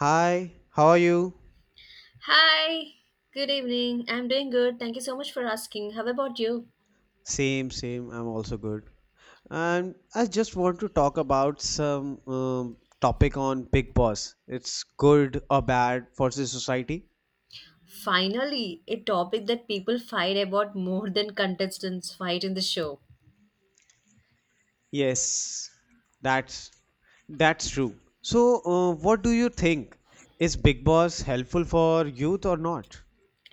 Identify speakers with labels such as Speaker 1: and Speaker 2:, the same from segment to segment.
Speaker 1: Hi, how are you?
Speaker 2: Hi, good evening. I'm doing good. Thank you so much for asking. How about you?
Speaker 1: Same, same. I'm also good. And I just want to talk about some topic on Big Boss. It's good or bad for the society?
Speaker 2: Finally, a topic that people fight about more than contestants fight in the show.
Speaker 1: Yes, that's that's true. So, what do you think? Is Big Boss helpful for youth or not?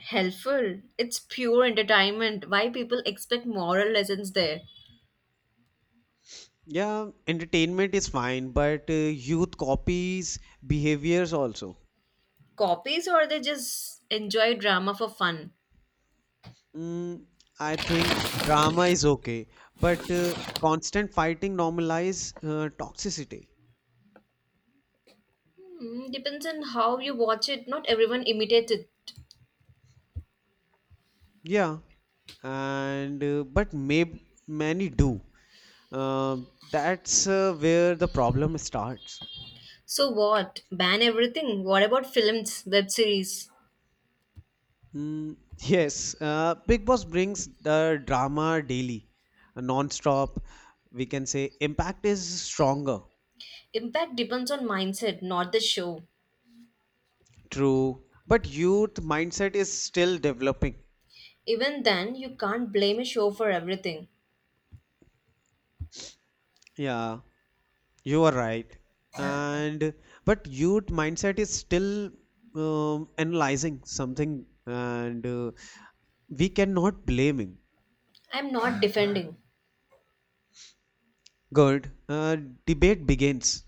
Speaker 2: Helpful. It's pure entertainment. Why people expect moral lessons there?
Speaker 1: Yeah, entertainment is fine, but youth copies behaviors also.
Speaker 2: Copies or they just enjoy drama for fun?
Speaker 1: Mm, I think drama is okay, but constant fighting normalize toxicity.
Speaker 2: Hmm, depends on how you watch it. Not everyone imitates it.
Speaker 1: Yeah, and but may many do. That's where the problem starts.
Speaker 2: So what? Ban everything? What about films, web series?
Speaker 1: Mm, yes, Big Boss brings the drama daily, non-stop. We can say impact is stronger,
Speaker 2: Impact depends on mindset, not the show.
Speaker 1: true, but youth mindset is still developing.
Speaker 2: Even then, you can't blame a show for everything.
Speaker 1: Yeah, you are right. And but youth mindset is still analyzing something, and we cannot blame him.
Speaker 2: I'm not defending.
Speaker 1: Good. Debate begins.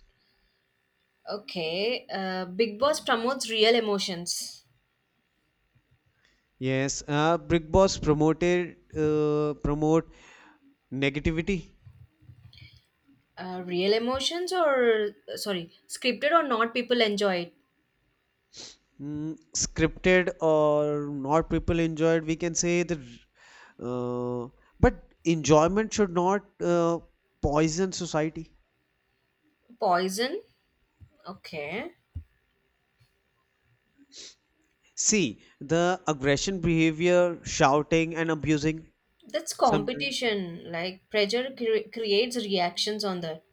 Speaker 2: Okay, Big Boss promotes real emotions.
Speaker 1: Yes. Big Boss promote negativity.
Speaker 2: Real emotions or, sorry, scripted or not, people enjoy it.
Speaker 1: Mm, scripted or not people enjoyed we can say the uh, but enjoyment should not poison society.
Speaker 2: Poison? Okay.
Speaker 1: See, the aggression behavior, shouting and abusing
Speaker 2: That's
Speaker 1: sometimes.
Speaker 2: competition. Like, pressure creates reactions on that.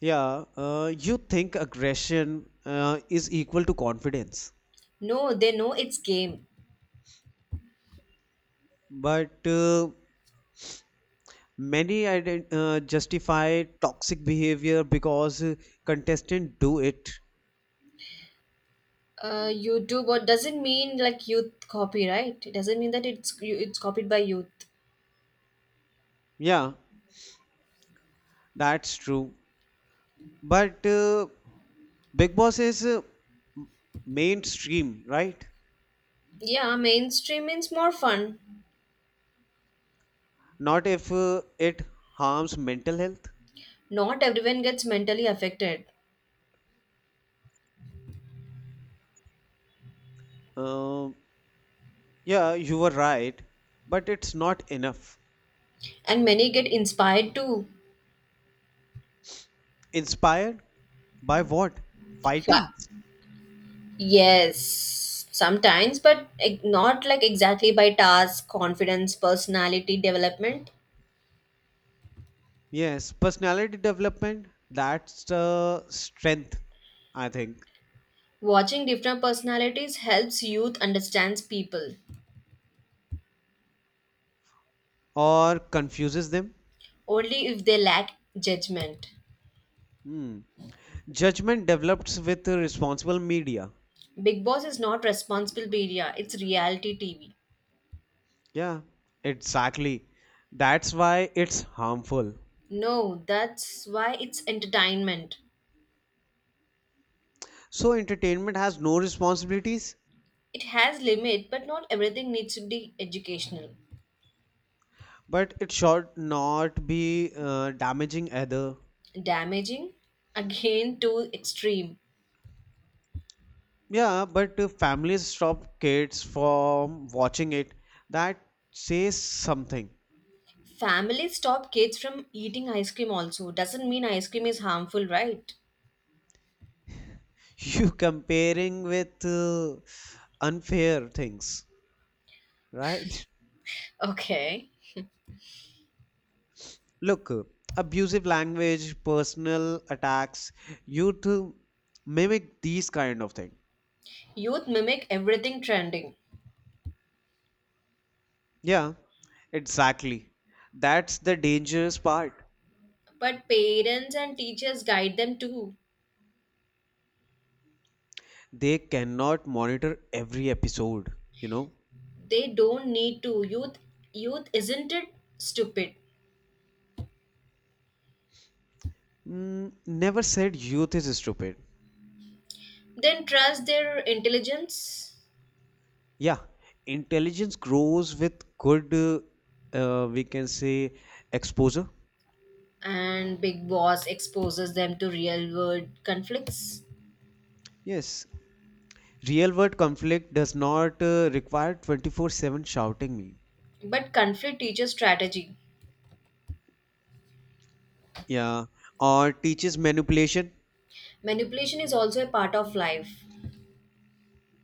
Speaker 1: Yeah, you think aggression is equal to confidence,
Speaker 2: No, they know it's game.
Speaker 1: but many justify toxic behavior because contestants do it.
Speaker 2: YouTube, what doesn't mean like youth copyright. It doesn't mean that it's copied by youth.
Speaker 1: Yeah, that's true. But Big Boss is m- mainstream, right?
Speaker 2: Yeah, mainstream means more fun.
Speaker 1: Not if it harms mental health.
Speaker 2: Not everyone gets mentally affected,
Speaker 1: Um Yeah, you were right, but it's not enough.
Speaker 2: and many get inspired to
Speaker 1: Inspired by what? Fighting?
Speaker 2: fa- yes, sometimes, but not, like, exactly by task confidence, personality development.
Speaker 1: Yes, personality development, that's the strength, I think,
Speaker 2: Watching different personalities helps youth understands people,
Speaker 1: or confuses them.
Speaker 2: only if they lack judgment.
Speaker 1: Hmm. Judgment develops with the responsible media.
Speaker 2: Big Boss is not responsible media, it's reality TV.
Speaker 1: Yeah, exactly. That's why it's harmful.
Speaker 2: No, that's why it's entertainment.
Speaker 1: So, entertainment has no responsibilities,
Speaker 2: It has limit, but not everything needs to be educational.
Speaker 1: but it should not be damaging either.
Speaker 2: Damaging, again, too extreme.
Speaker 1: Yeah, but if families stop kids from watching it, that says something.
Speaker 2: Families stop kids from eating ice cream also doesn't mean ice cream is harmful, right?
Speaker 1: You comparing with unfair things, right?
Speaker 2: Okay,
Speaker 1: Look, abusive language, personal attacks, youth to mimic these kind of thing.
Speaker 2: youth mimic everything trending.
Speaker 1: Yeah, exactly. That's the dangerous part.
Speaker 2: But parents and teachers guide them too.
Speaker 1: They cannot monitor every episode, you know.
Speaker 2: They don't need to. Youth isn't it stupid?
Speaker 1: Mm, never said youth is stupid.
Speaker 2: Then trust their intelligence.
Speaker 1: Yeah, intelligence grows with good, we can say, exposure.
Speaker 2: And Big Boss exposes them to real world conflicts.
Speaker 1: Yes, real world conflict does not require 24/7 shouting me.
Speaker 2: But conflict teaches strategy.
Speaker 1: Yeah, or teaches manipulation,
Speaker 2: Manipulation is also a part of life.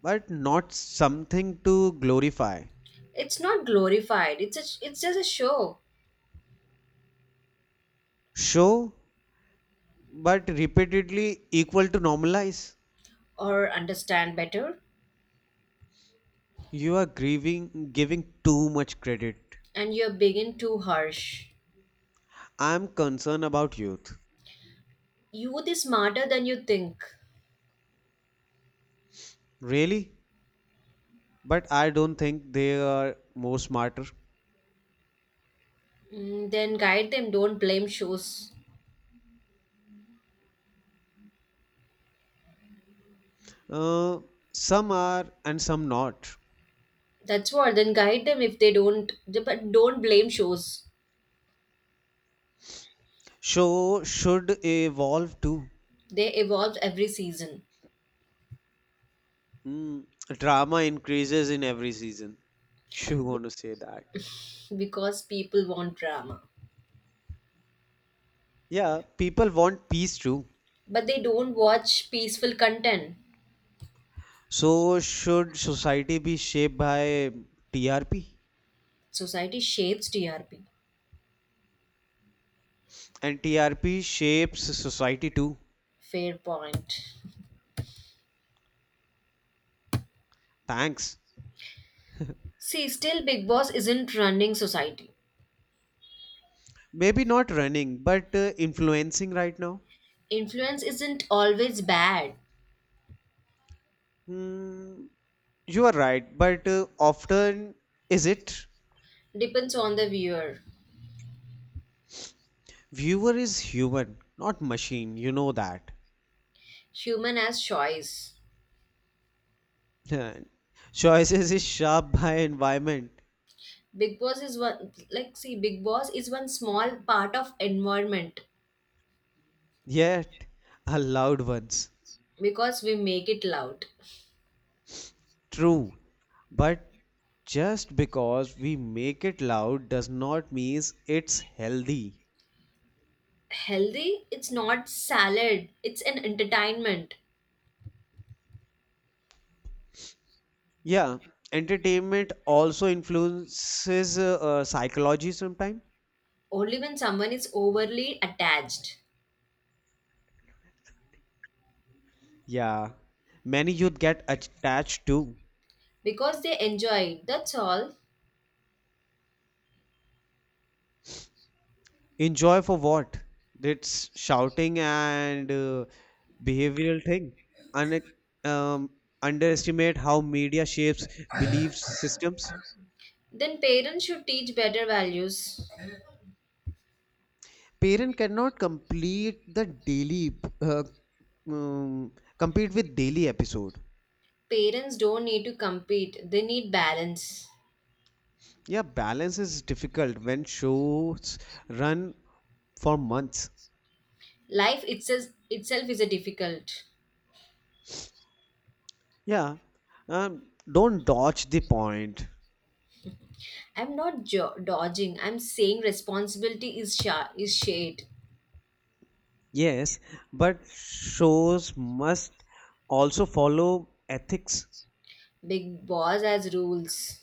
Speaker 1: but not something to glorify.
Speaker 2: It's not glorified. It's just a show.
Speaker 1: Show, but repeatedly equal to normalize.
Speaker 2: Or understand better.
Speaker 1: You are grieving, giving too much credit.
Speaker 2: And you're being too harsh.
Speaker 1: I'm concerned about youth.
Speaker 2: Youth is smarter than you think.
Speaker 1: Really? But I don't think they are more smarter.
Speaker 2: Mm, then guide them, don't blame shows.
Speaker 1: Uh, some are and some not.
Speaker 2: That's what, then guide them if they don't, but don't blame shows.
Speaker 1: Show should evolve too.
Speaker 2: They evolve every season.
Speaker 1: Mm, drama increases in every season. You want to say that?
Speaker 2: Because people want drama.
Speaker 1: Yeah, people want peace too.
Speaker 2: But they don't watch peaceful content.
Speaker 1: So should society be shaped by TRP?
Speaker 2: Society shapes TRP.
Speaker 1: And TRP shapes society too.
Speaker 2: Fair point.
Speaker 1: Thanks.
Speaker 2: See, still Big Boss isn't running society.
Speaker 1: Maybe not running, but influencing right now.
Speaker 2: Influence isn't always bad.
Speaker 1: Hmm, you are right, but often is it?
Speaker 2: Depends on the viewer.
Speaker 1: Viewer is human, not machine, you know that.
Speaker 2: Human has choice.
Speaker 1: Choices is shaped by environment,
Speaker 2: Big Boss is one like See, Big Boss is one small part of environment.
Speaker 1: yet allowed ones.
Speaker 2: Because we make it loud.
Speaker 1: True, but just because we make it loud does not mean it's healthy.
Speaker 2: Healthy, it's not salad, it's an entertainment.
Speaker 1: Yeah, entertainment also influences psychology sometimes.
Speaker 2: Only when someone is overly attached.
Speaker 1: Yeah, many youth get attached to.
Speaker 2: Because they enjoy it, that's all.
Speaker 1: Enjoy for what? That's shouting and behavioral thing. And um, underestimate how media shapes belief systems.
Speaker 2: Then parents should teach better values.
Speaker 1: Parent cannot complete the daily uh, um, compete with daily episode.
Speaker 2: Parents don't need to compete, they need balance.
Speaker 1: Yeah, balance is difficult when shows run for months.
Speaker 2: Life itself is a difficult.
Speaker 1: Yeah, don't dodge the point.
Speaker 2: I'm not dodging. I'm saying responsibility is shade.
Speaker 1: Yes, but shows must also follow ethics
Speaker 2: Big Boss has rules.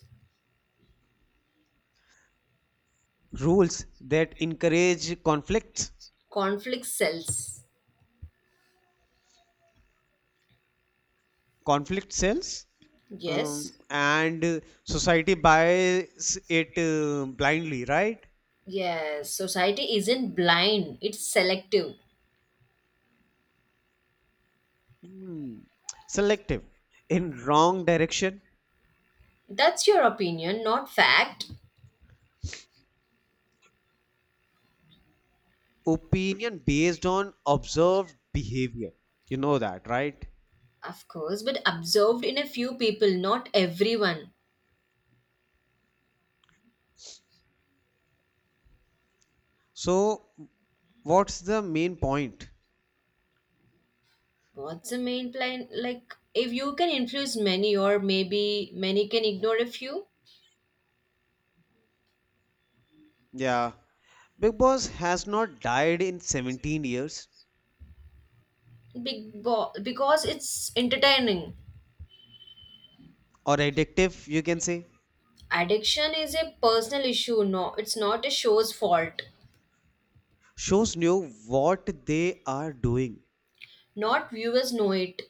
Speaker 1: rules that encourage conflicts,
Speaker 2: Conflict sells.
Speaker 1: conflict cells,
Speaker 2: Yes.
Speaker 1: and society buys it blindly, right?
Speaker 2: Yes. Society isn't blind. It's selective.
Speaker 1: Hmm. Selective, in wrong direction,
Speaker 2: That's your opinion, not fact.
Speaker 1: opinion based on observed behavior. You know that, right?
Speaker 2: Of course, but observed in a few people, not everyone.
Speaker 1: So, what's the main point?
Speaker 2: What's the main plan? Like, if you can influence many, or maybe many can ignore a few,
Speaker 1: Yeah. Big Boss has not died in 17 years,
Speaker 2: Because it's entertaining.
Speaker 1: or addictive, you can say.
Speaker 2: Addiction is a personal issue. No, it's not a show's fault.
Speaker 1: Shows knew what they are doing.
Speaker 2: Not viewers know it.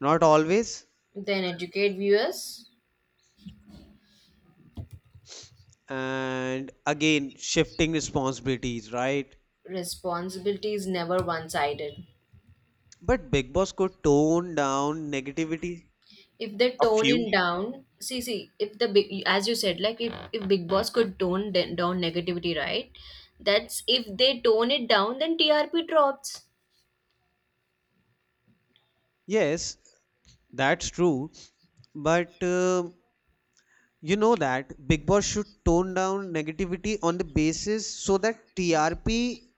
Speaker 1: Not always.
Speaker 2: Then educate viewers.
Speaker 1: And again, shifting responsibilities, right?
Speaker 2: Responsibility is never one-sided.
Speaker 1: But Big Boss could tone down negativity
Speaker 2: If they
Speaker 1: a
Speaker 2: tone
Speaker 1: few.
Speaker 2: it down, if the big, as you said, like if Big Boss could tone down negativity, right? That's if they tone it down, then TRP drops.
Speaker 1: Yes, that's true. But you know that Big Boss should tone down negativity on the basis so that TRP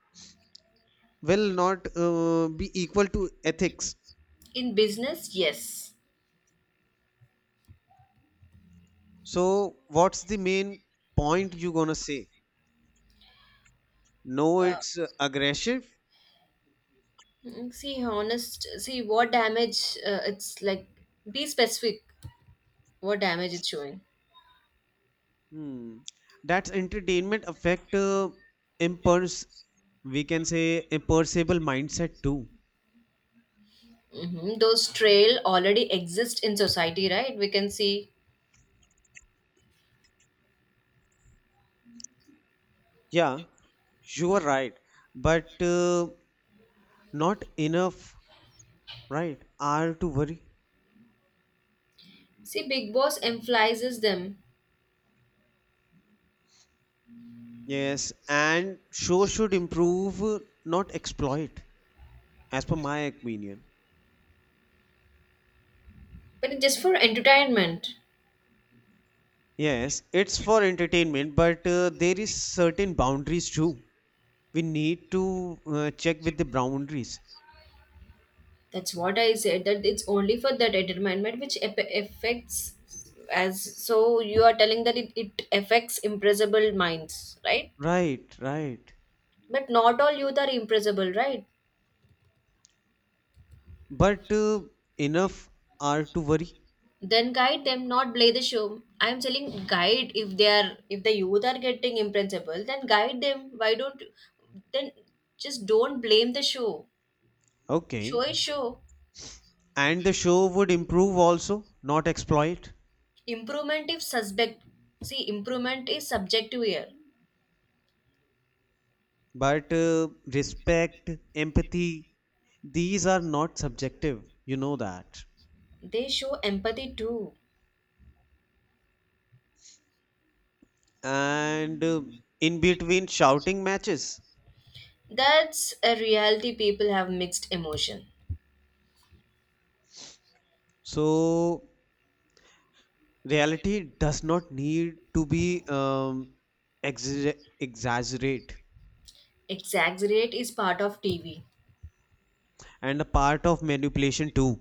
Speaker 1: will not be equal to ethics.
Speaker 2: In business, yes.
Speaker 1: So, what's the main point you gonna say? No,
Speaker 2: Uh,
Speaker 1: it's aggressive.
Speaker 2: See, honest, see what damage it's like. Be specific what damage it's showing.
Speaker 1: Hmm. That's entertainment affect impulse. We can say imperceivable mindset too.
Speaker 2: Hmm, those trail already exist in society, right? We can see.
Speaker 1: Yeah, you are right, but not enough. Right? Are to worry.
Speaker 2: See, Big Boss emphasizes them,
Speaker 1: Yes, and show should improve, not exploit. As per my opinion.
Speaker 2: but it's just for entertainment.
Speaker 1: Yes, it's for entertainment, but there is certain boundaries too. We need to check with the boundaries.
Speaker 2: That's what I said, that it's only for that entertainment which affects as. So you are telling that it affects impressible minds, right?
Speaker 1: Right, right.
Speaker 2: But not all youth are impressible, right?
Speaker 1: But enough are to worry.
Speaker 2: Then guide them, not play the show. I'm telling guide, if the youth are getting impresentable, then guide them, why don't, then just don't blame the show. Show
Speaker 1: Okay.
Speaker 2: is show.
Speaker 1: And the show would improve also, not exploit.
Speaker 2: Improvement is suspect. See, improvement is subjective here.
Speaker 1: But respect, empathy, these are not subjective. You know that.
Speaker 2: They show empathy too.
Speaker 1: And in between shouting matches.
Speaker 2: That's a reality, people have mixed emotion.
Speaker 1: So reality does not need to be exaggerate.
Speaker 2: Exaggerate is part of TV.
Speaker 1: And a part of manipulation too.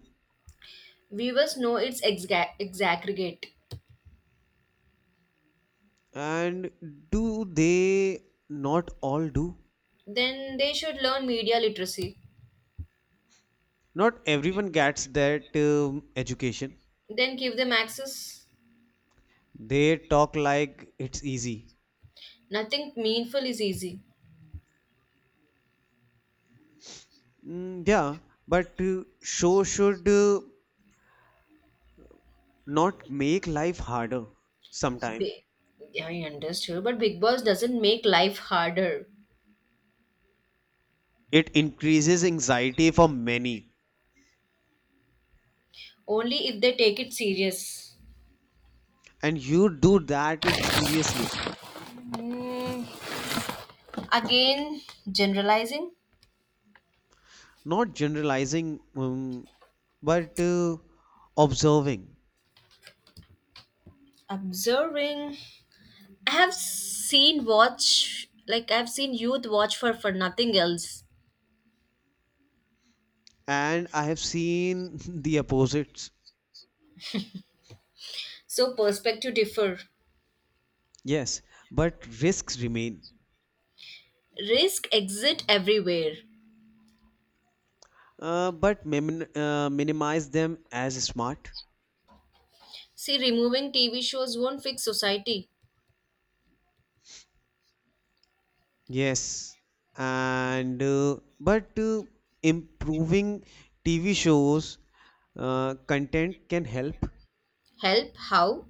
Speaker 2: Viewers know it's exaggerate.
Speaker 1: And do they not all do?
Speaker 2: Then they should learn media literacy.
Speaker 1: Not everyone gets that education.
Speaker 2: Then give them access.
Speaker 1: They talk like it's easy.
Speaker 2: Nothing meaningful is easy.
Speaker 1: Mm, yeah, but show should not make life harder. Sometimes
Speaker 2: Bi- Yeah, I understood, but Big Boss doesn't make life harder.
Speaker 1: it increases anxiety for many.
Speaker 2: Only if they take it serious.
Speaker 1: And you do that it seriously.
Speaker 2: Mm, again, generalizing,
Speaker 1: Not generalizing, but observing.
Speaker 2: observing. I have seen watch, like I've seen youth watch for nothing else.
Speaker 1: And I have seen the opposites.
Speaker 2: So perspective differ.
Speaker 1: Yes, but risks remain.
Speaker 2: Risk exit everywhere.
Speaker 1: Minimize them as smart.
Speaker 2: See, removing TV shows won't fix society.
Speaker 1: Yes, and but improving TV shows content can help.
Speaker 2: Help how?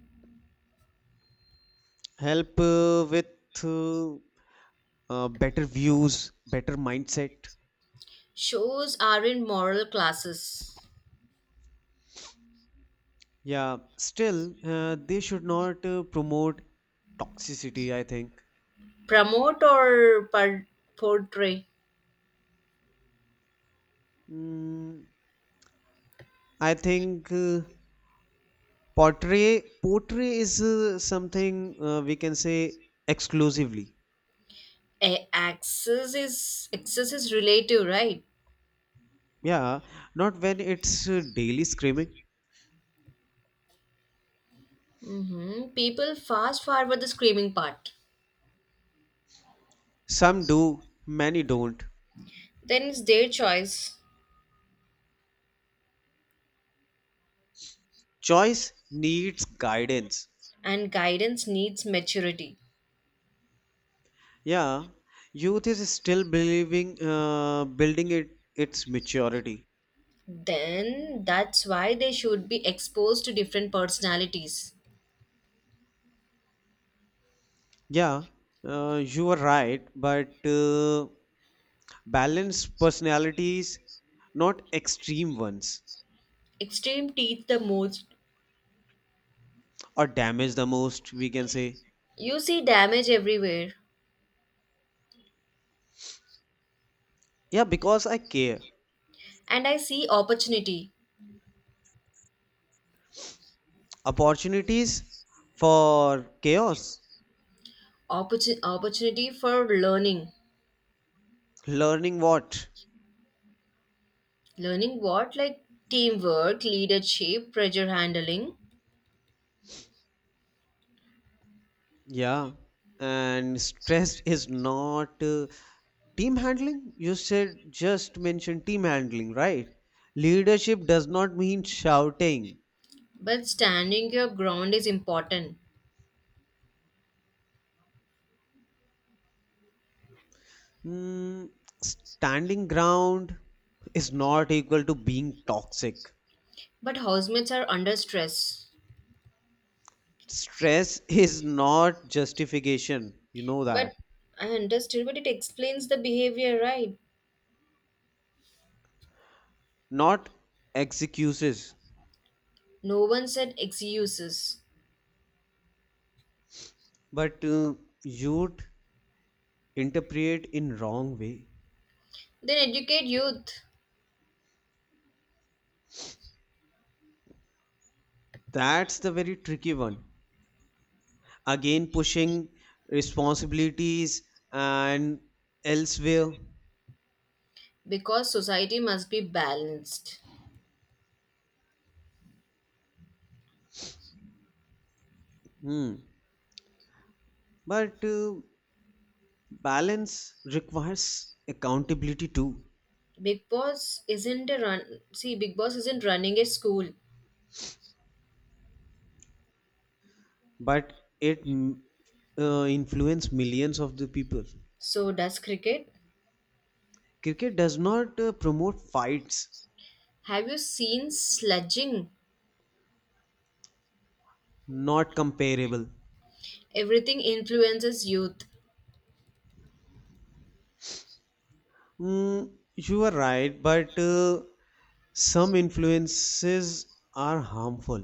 Speaker 1: Help with uh, better views, better mindset.
Speaker 2: Shows aren't moral classes.
Speaker 1: Yeah, still they should not promote toxicity. I think.
Speaker 2: Promote or portray.
Speaker 1: Mm, I think pottery is something we can say exclusively.
Speaker 2: A- access is access is relative, right?
Speaker 1: Yeah, not when it's daily screaming.
Speaker 2: Hmm, people fast forward the screaming part.
Speaker 1: Some do, many don't.
Speaker 2: Then it's their choice.
Speaker 1: Choice needs guidance.
Speaker 2: And guidance needs maturity.
Speaker 1: Yeah, youth is still believing building it its maturity.
Speaker 2: Then that's why they should be exposed to different personalities.
Speaker 1: Yeah, you are right, but balanced personalities, not extreme ones,
Speaker 2: Extreme teach the most.
Speaker 1: or damage the most. We can say.
Speaker 2: You see damage everywhere.
Speaker 1: Yeah, because I care.
Speaker 2: And I see opportunity.
Speaker 1: Opportunities for chaos.
Speaker 2: Opportunity for learning.
Speaker 1: Learning what?
Speaker 2: Learning what? Like teamwork, leadership, pressure handling.
Speaker 1: Yeah. And stress is not team handling. You said just mention team handling, right? Leadership does not mean shouting.
Speaker 2: But standing your ground is important.
Speaker 1: Mm, standing ground is not equal to being toxic.
Speaker 2: But housemates are under stress.
Speaker 1: Stress is not justification. You know
Speaker 2: But
Speaker 1: that.
Speaker 2: I understood, but it explains the behavior, right?
Speaker 1: Not excuses.
Speaker 2: No one said excuses.
Speaker 1: But you'd interpret in wrong way.
Speaker 2: Then educate youth,
Speaker 1: That's the very tricky one. Again pushing responsibilities and elsewhere.
Speaker 2: because society must be balanced.
Speaker 1: Hmm. But balance requires accountability too.
Speaker 2: Big Boss isn't a run. See, Big Boss isn't running a school.
Speaker 1: But it influence millions of the people.
Speaker 2: So does cricket.
Speaker 1: Cricket does not promote fights.
Speaker 2: Have you seen sludging?
Speaker 1: Not comparable.
Speaker 2: Everything influences youth.
Speaker 1: Mm, you are right, but some influences are harmful.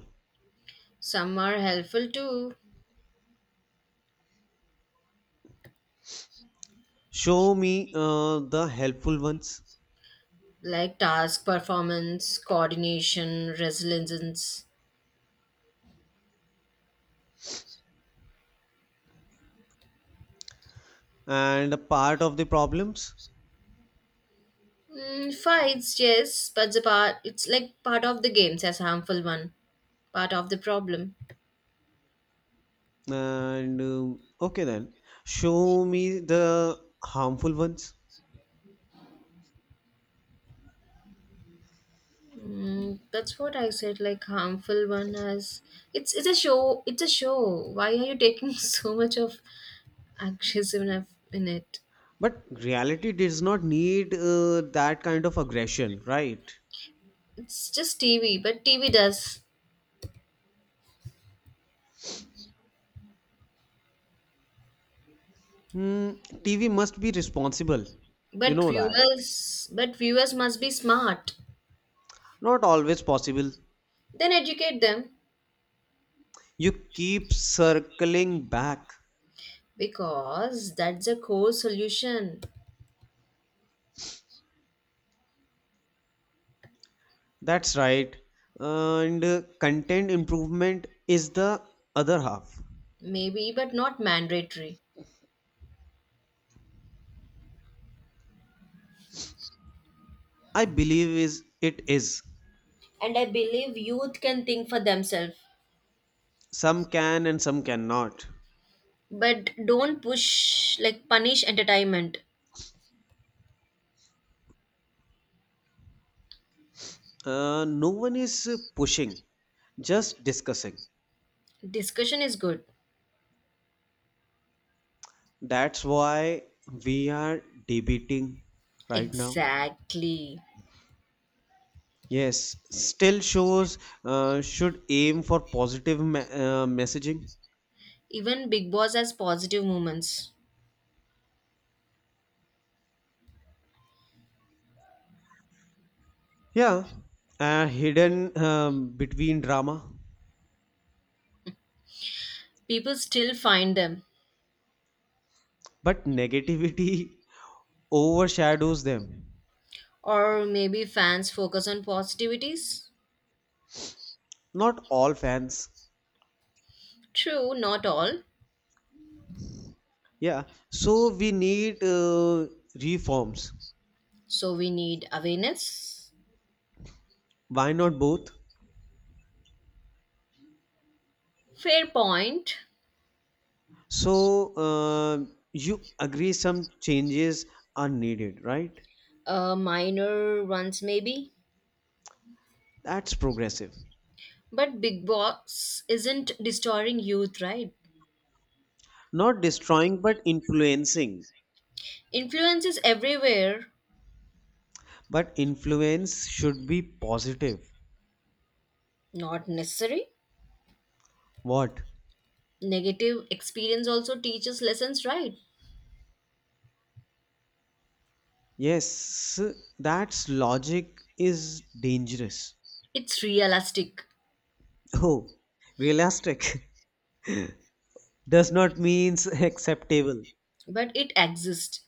Speaker 2: Some are helpful too,
Speaker 1: Show me the helpful ones
Speaker 2: like task performance, coordination, resilience.
Speaker 1: and a part of the problems.
Speaker 2: Mm, fights, yes, but the part it's like part of the games as harmful one, part of the problem.
Speaker 1: And okay, then show me the harmful ones.
Speaker 2: Mm, that's what I said. Like harmful one as it's a show. It's a show. Why are you taking so much of aggressiveness in it?
Speaker 1: But reality does not need that kind of aggression, right?
Speaker 2: It's just TV, but TV does.
Speaker 1: Hmm, TV must be responsible. You
Speaker 2: But
Speaker 1: know that.
Speaker 2: viewers, but viewers must be smart.
Speaker 1: Not always possible.
Speaker 2: Then educate them.
Speaker 1: You keep circling back.
Speaker 2: Because that's a core solution.
Speaker 1: That's right. And content improvement is the other half.
Speaker 2: Maybe, but not mandatory.
Speaker 1: I believe is it is.
Speaker 2: And I believe youth can think for themselves.
Speaker 1: Some can and some cannot.
Speaker 2: But don't push, like, punish entertainment.
Speaker 1: No one is pushing, just discussing.
Speaker 2: Discussion is good.
Speaker 1: That's why we are debating right now.
Speaker 2: Exactly.
Speaker 1: Yes, still shows should aim for positive messaging.
Speaker 2: Even Big Boss has positive moments.
Speaker 1: Yeah, hidden between drama,
Speaker 2: People still find them.
Speaker 1: but negativity overshadows them.
Speaker 2: Or maybe fans focus on positivities.
Speaker 1: Not all fans.
Speaker 2: True, not all.
Speaker 1: Yeah. So we need reforms.
Speaker 2: So we need awareness.
Speaker 1: Why not both?
Speaker 2: Fair point.
Speaker 1: So you agree some changes are needed, right?
Speaker 2: A minor ones, maybe.
Speaker 1: That's progressive.
Speaker 2: But Big Boss isn't destroying youth, right?
Speaker 1: Not destroying, but influencing.
Speaker 2: Influence is everywhere,
Speaker 1: But influence should be positive.
Speaker 2: not necessary.
Speaker 1: What?
Speaker 2: Negative experience also teaches lessons, right?
Speaker 1: Yes, that's logic is dangerous.
Speaker 2: It's realistic,
Speaker 1: Oh, realistic does not means acceptable.
Speaker 2: but it exists.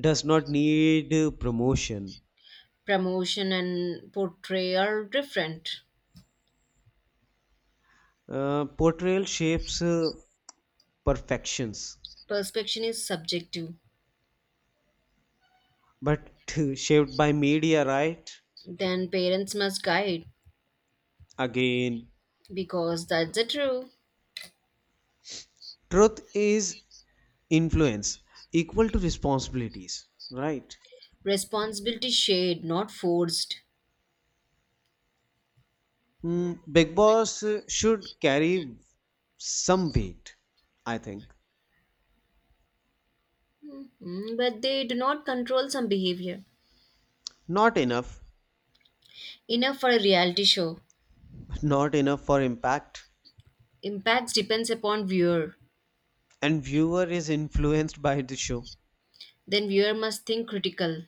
Speaker 1: Does not need promotion.
Speaker 2: Promotion and portray are different.
Speaker 1: Portrayal shapes perfections,
Speaker 2: Perception is subjective.
Speaker 1: but shaped by media, right?
Speaker 2: Then parents must guide,
Speaker 1: Again,
Speaker 2: because that's the true.
Speaker 1: truth is influence equal to responsibilities, right?
Speaker 2: Responsibility shared, not forced.
Speaker 1: Mm, Big Boss should carry some weight, I think.
Speaker 2: Mhm. But they do not control some behavior.
Speaker 1: Not enough,
Speaker 2: Enough for a reality show.
Speaker 1: not enough for impact,
Speaker 2: Impacts depends upon viewer.
Speaker 1: and viewer is influenced by the show.
Speaker 2: Then viewer must think critical.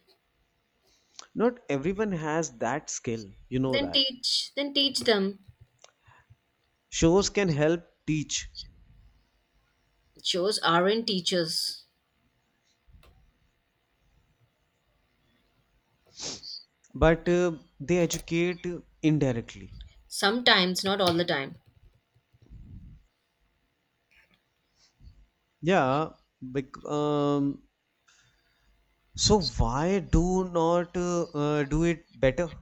Speaker 1: Not everyone has that skill, you know
Speaker 2: Then
Speaker 1: that
Speaker 2: teach. Then teach them.
Speaker 1: shows can help teach.
Speaker 2: Shows aren't teachers.
Speaker 1: But they educate indirectly.
Speaker 2: Sometimes, not all the time.
Speaker 1: Yeah, bec- um, so why do not do it better.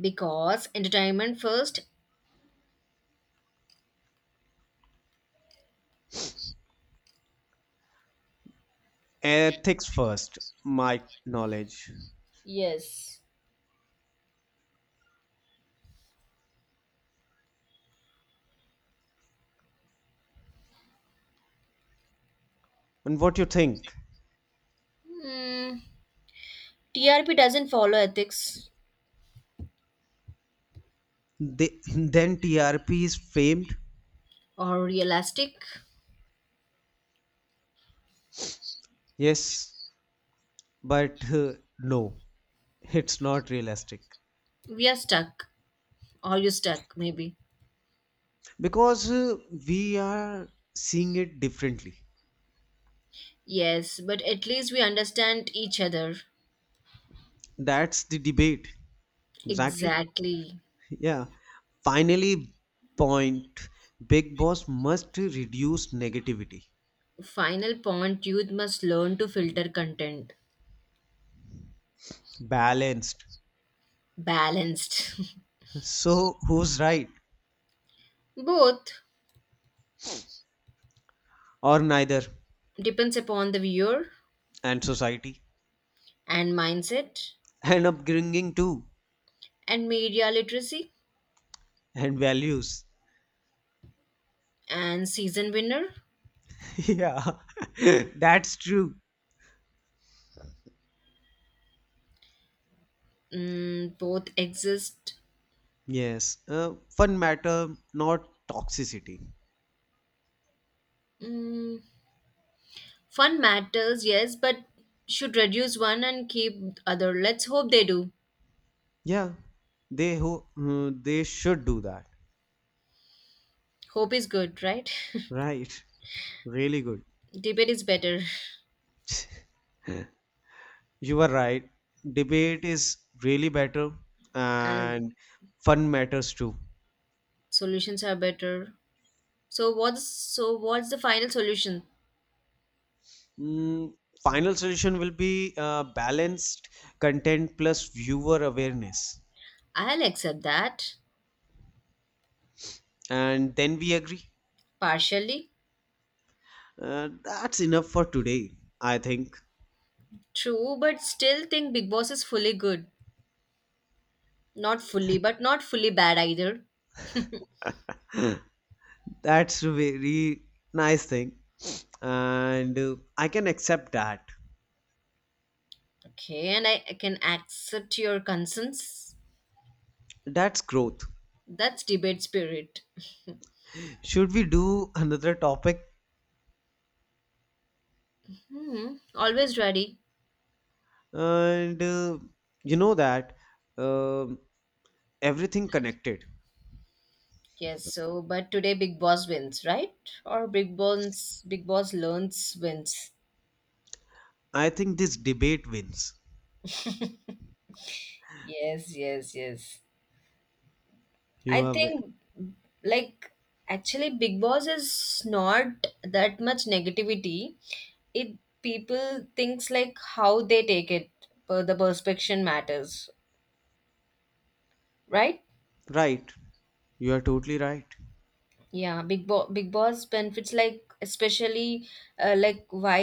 Speaker 2: Because entertainment first.
Speaker 1: Ethics first, my knowledge,
Speaker 2: Yes.
Speaker 1: and what you think.
Speaker 2: Hmm. TRP doesn't follow ethics
Speaker 1: They, then trp is famed.
Speaker 2: or realistic.
Speaker 1: Yes, but no, it's not realistic
Speaker 2: We are stuck. Or you stuck, maybe.
Speaker 1: because we are seeing it differently.
Speaker 2: Yes, but at least we understand each other.
Speaker 1: That's the debate exactly.
Speaker 2: Exactly.
Speaker 1: Yeah. Finally, point Big Boss must reduce negativity.
Speaker 2: Final point, youth must learn to filter content.
Speaker 1: Balanced.
Speaker 2: Balanced.
Speaker 1: So, who's right?
Speaker 2: Both
Speaker 1: Or neither?
Speaker 2: depends upon the viewer
Speaker 1: And society.
Speaker 2: and mindset
Speaker 1: And upbringing too.
Speaker 2: and media literacy
Speaker 1: And values.
Speaker 2: and season winner.
Speaker 1: Yeah. That's true.
Speaker 2: Mm, both exist.
Speaker 1: Yes. Fun matter, not toxicity.
Speaker 2: Mm, fun matters, yes, but should reduce one and keep other. Let's hope they do.
Speaker 1: Yeah. They who they should do that.
Speaker 2: Hope is good, right?
Speaker 1: Right. Really good.
Speaker 2: Debate is better
Speaker 1: You are right. Debate is really better,
Speaker 2: and
Speaker 1: and fun matters too.
Speaker 2: solutions are better. So what's the final solution?
Speaker 1: Mm, final solution will be balanced content plus viewer awareness,
Speaker 2: I'll accept that
Speaker 1: and then we agree.
Speaker 2: partially.
Speaker 1: That's enough for today, I think.
Speaker 2: True, but still think Big Boss is fully good. Not fully, but not fully bad either.
Speaker 1: That's a very nice thing, and I can accept that.
Speaker 2: Okay, and I can accept your concerns.
Speaker 1: That's growth.
Speaker 2: That's debate spirit.
Speaker 1: Should we do another topic?
Speaker 2: Hmm, always ready.
Speaker 1: And you know that, um everything connected.
Speaker 2: Yes, so but today Big Boss wins, right? Or Big Boss learns wins.
Speaker 1: I think this debate wins.
Speaker 2: Yes, yes, yes. I
Speaker 1: You are ve-
Speaker 2: think, like, actually Big Boss is not that much negativity. It People thinks like how they take it, per the perspective matters, right?
Speaker 1: right. You are totally right.
Speaker 2: Yeah, Big Boss benefits, like, especially, like why,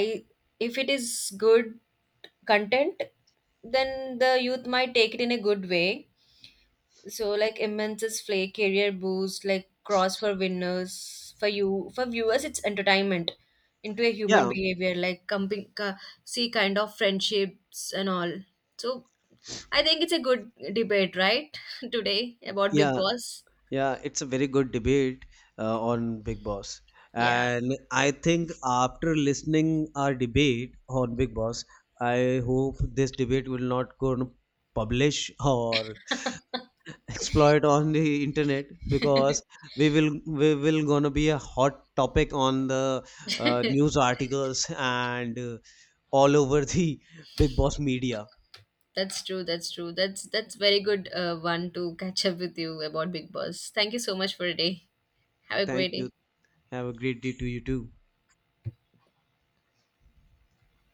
Speaker 2: if it is good content, then the youth might take it in a good way. So, like, immense play career boost, like cross for winners, for you, for viewers it's entertainment, into a human
Speaker 1: Yeah,
Speaker 2: behavior, like see kind of friendships and all. So I think it's a good debate, right, today about Big
Speaker 1: yeah,
Speaker 2: Boss.
Speaker 1: yeah. It's a very good debate on Big Boss.
Speaker 2: Yeah.
Speaker 1: And I think after listening our debate on Big Boss, I hope this debate will not go on publish or exploit on the internet because we will gonna be a hot topic on the news articles and all over the big boss media.
Speaker 2: That's true. That's true. That's very good, one to catch up with you about Big Boss. Thank you so much for today. Have a
Speaker 1: Thank
Speaker 2: great
Speaker 1: you.
Speaker 2: day.
Speaker 1: Have a great day to you too.